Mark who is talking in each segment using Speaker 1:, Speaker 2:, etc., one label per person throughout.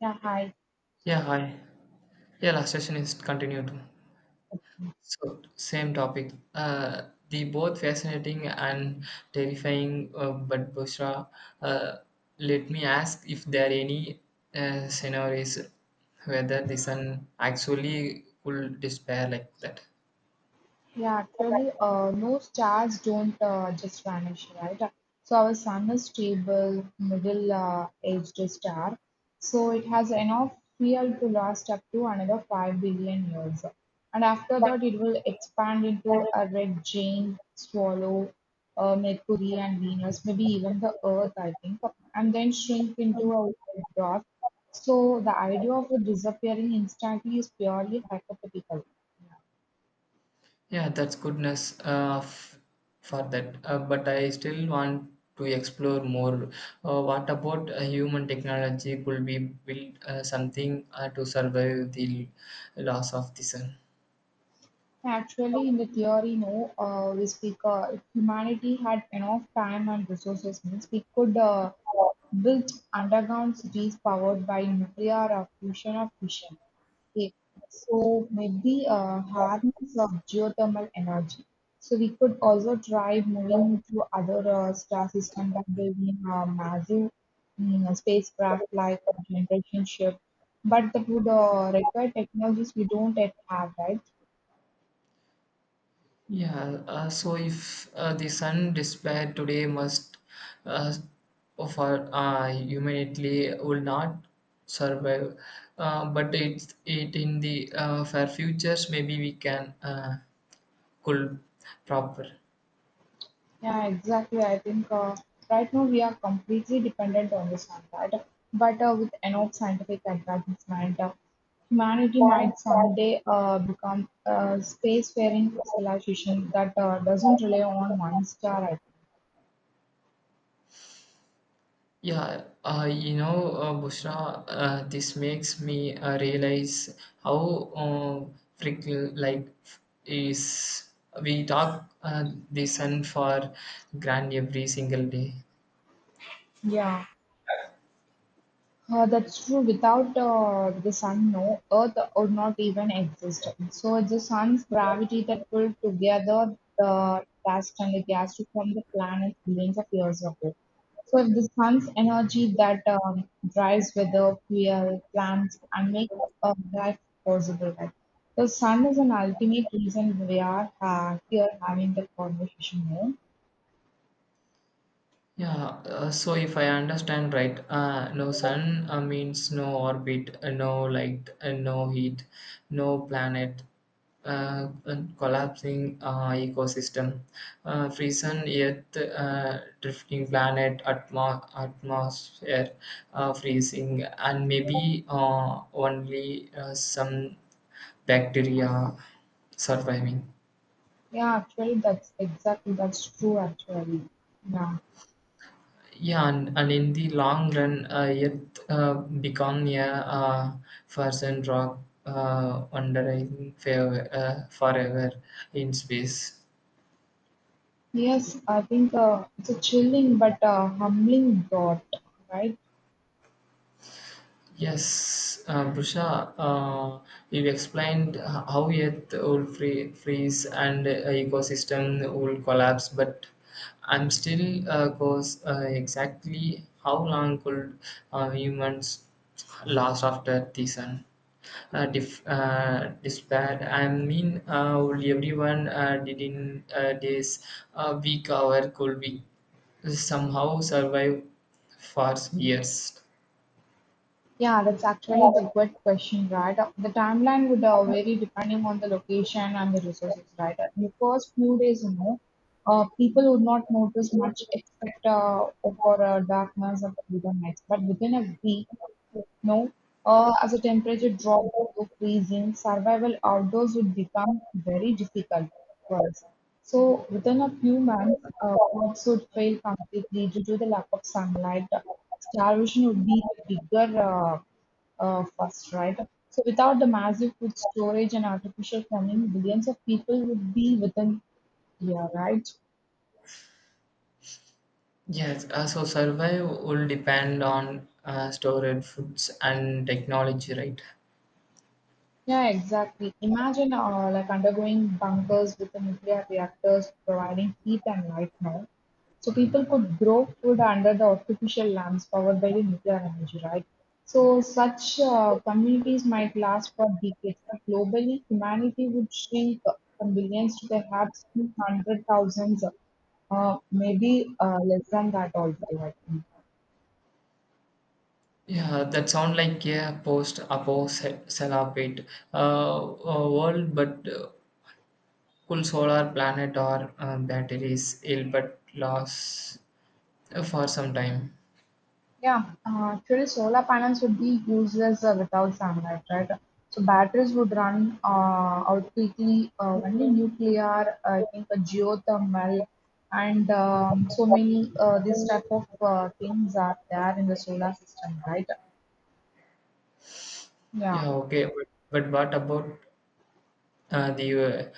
Speaker 1: Yeah, hi.
Speaker 2: Yeah, hi. Yeah, last session is continued. So, same topic. The both fascinating and terrifying, but Bushra, uh, let me ask if there are any scenarios whether the sun actually could despair like that.
Speaker 1: Yeah, actually, no stars don't just vanish, right? So our sun is stable, middle-aged star, so it has enough fuel to last up to another 5 billion years, and after that, it will expand into a red giant, swallow, Mercury and Venus, maybe even the Earth, I think, and then shrink into a white dwarf. So the idea of it disappearing instantly is purely hypothetical. Yeah.
Speaker 2: Yeah, that's goodness for that. But I still want to explore more. What about human technology? Could we build something to survive the loss of the sun?
Speaker 1: Actually, in the theory, no, we speak if humanity had enough time and resources, means we could build underground cities powered by nuclear or fusion or fission. Okay, so maybe harness of geothermal energy. So we could also try moving to other star system by building a massive spacecraft like a generation ship, but that would require technologies we don't yet have, right?
Speaker 2: Yeah, so if the sun disappeared today, must uh, of our humanity will not survive. But it in the fair futures maybe we can could proper.
Speaker 1: Yeah, exactly. I think right now we are completely dependent on the one, right? But with enough scientific advancement, humanity might someday become a spacefaring civilization that doesn't rely on one star. I think.
Speaker 2: Yeah, uh, you know, Bushra, this makes me realize how freaking like is we talk the sun for grand every single day.
Speaker 1: Yeah. That's true. Without the sun, no Earth would not even exist. So it's the sun's gravity that pulled together the dust and the gas to form the planet billions of years ago. So if the sun's energy that drives weather, fuel, plants, and make life possible, right? The sun is an ultimate reason we are here having the conversation here.
Speaker 2: Yeah, so if I understand right, no sun means no orbit, no light, no heat, no planet, and collapsing ecosystem, frozen earth, drifting planet, atmosphere, freezing, and maybe only some bacteria surviving.
Speaker 1: Yeah, actually, that's exactly that's true. Actually, yeah.
Speaker 2: Yeah, and in the long run, it become a frozen rock wandering forever in space.
Speaker 1: Yes, I think it's a chilling but humbling thought, right?
Speaker 2: Yes, Prusha, you explained how Earth will freeze and ecosystem will collapse, but I'm still goes exactly how long could humans last after the sun? Despair. I mean, will everyone did in this week hour could we somehow survive for years?
Speaker 1: Yeah, that's actually the good question, right? The timeline would vary depending on the location and the resources, right? In the first few days, you know, people would not notice much except for darkness or freedom nights. But within a week, no, as the temperature dropped below freezing, survival outdoors would become very difficult for us. So within a few months, crops would fail completely due to the lack of sunlight. Star Vision would be the bigger first, right? So without the massive food storage and artificial farming, billions of people would be within, yeah, right?
Speaker 2: Yes, so survive will depend on storage foods and technology, right?
Speaker 1: Yeah, exactly. Imagine like undergoing bunkers with the nuclear reactors providing heat and light now. So people could grow food under the artificial lamps powered by the nuclear energy, right? So such communities might last for decades, but globally humanity would shrink from billions to perhaps few hundred thousands, maybe less than that also, I think.
Speaker 2: Yeah, that sound like a post-apo celibate world, but cool solar planet or batteries ill but last for some time.
Speaker 1: Yeah, actually, solar panels would be useless without sunlight, right? So batteries would run out quickly. Only nuclear, I think, geothermal, and so many this type of things are there in the solar system, right? Yeah.
Speaker 2: Yeah, okay, but what about Uh, the uh,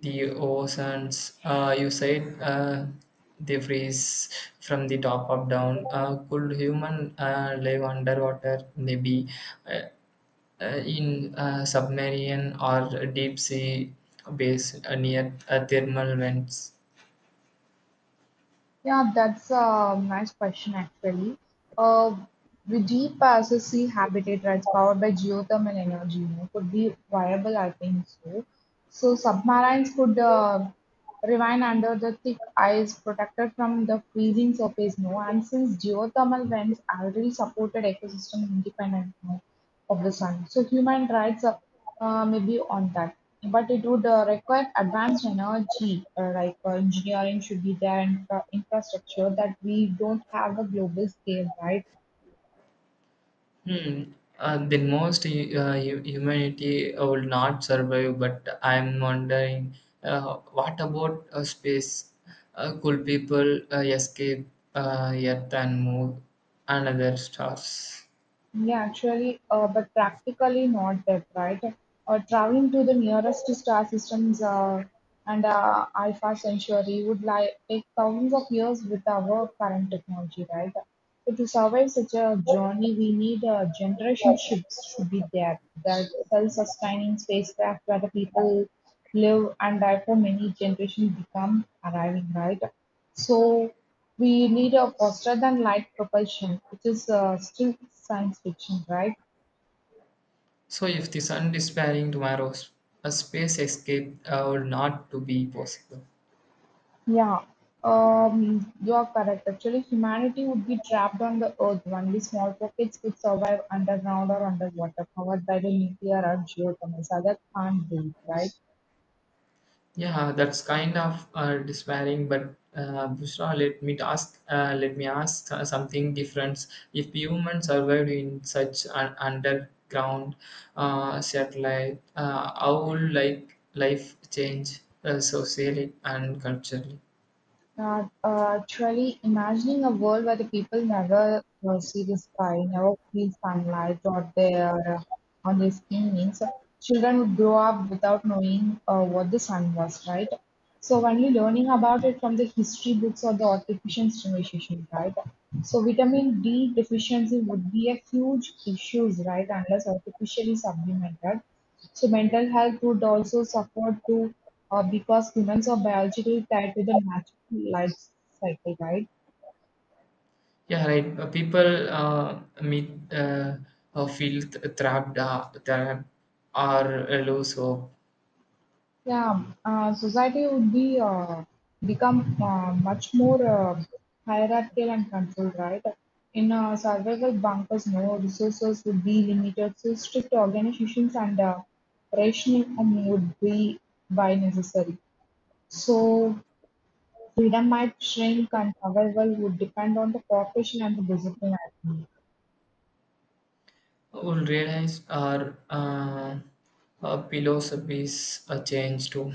Speaker 2: the oceans you said they freeze from the top up down. Could human live underwater? Maybe uh, in submarine or deep sea base near thermal vents.
Speaker 1: Yeah, that's a nice question actually. Uh, Deep passes sea habitat rights powered by geothermal energy, you know, could be viable, I think so. So submarines could remain under the thick ice, protected from the freezing surface, no. And since geothermal vents already supported ecosystem independent, no of the sun. So human rights may be on that, but it would require advanced energy, like engineering should be there and infrastructure that we don't have a global scale, right?
Speaker 2: Hmm. Then most humanity will not survive. But I'm wondering, what about space? Could people escape Earth and move another stars?
Speaker 1: Yeah, actually, but practically not that, right? Traveling to the nearest star systems and alpha Centauri would like take thousands of years with our current technology, right? So to survive such a journey, we need generation ships should be there, that self-sustaining spacecraft where the people live and die for many generations become arriving, right? So. We need a faster-than-light propulsion, which is still science fiction, right?
Speaker 2: So if the sun disappearing tomorrow, a space escape will not to be possible.
Speaker 1: Yeah, you are correct. Actually, humanity would be trapped on the Earth. Only small pockets could survive underground or underwater, powered by the nuclear or geothermal. So that can't do it, right?
Speaker 2: Yeah, that's kind of despairing, but Bushra, let me ask something different. If humans survived in such an underground satellite, how would like life change socially and culturally?
Speaker 1: Actually, imagining a world where the people never see the sky, never feel sunlight or their on their skin means children would grow up without knowing what the sun was, right? So only learning about it from the history books or the artificial stimulation, right? So vitamin D deficiency would be a huge issues, right? Unless artificially supplemented. So mental health would also suffer too, because humans are biologically tied to the natural life cycle, right?
Speaker 2: Yeah, right. People meet feel trapped or lose hope.
Speaker 1: Yeah, society would be become much more hierarchical and controlled, right? In survival bunkers, no resources would be limited, so strict organizations and rationing would be by necessary. So freedom might shrink, and survival would depend on the cooperation and the discipline. I think.
Speaker 2: Will realize our philosophies change too.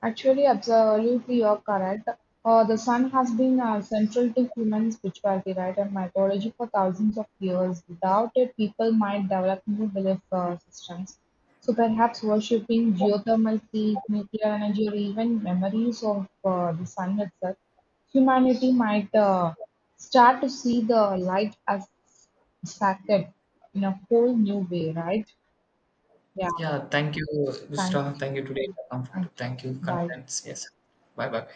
Speaker 1: Actually, absolutely you are correct. The sun has been central to human spirituality, right, and mythology for thousands of years. Without it, people might develop new belief systems. So perhaps worshipping geothermal heat, nuclear energy, or even memories of the sun itself, humanity might start to see the light as sacred in a whole new way, right? Yeah.
Speaker 2: Yeah, thank you,
Speaker 1: Thank
Speaker 2: Gustav.
Speaker 1: you.
Speaker 2: Thank you today.
Speaker 1: Thank
Speaker 2: Thank you,
Speaker 1: you. Bye.
Speaker 2: contents. Yes. Bye bye.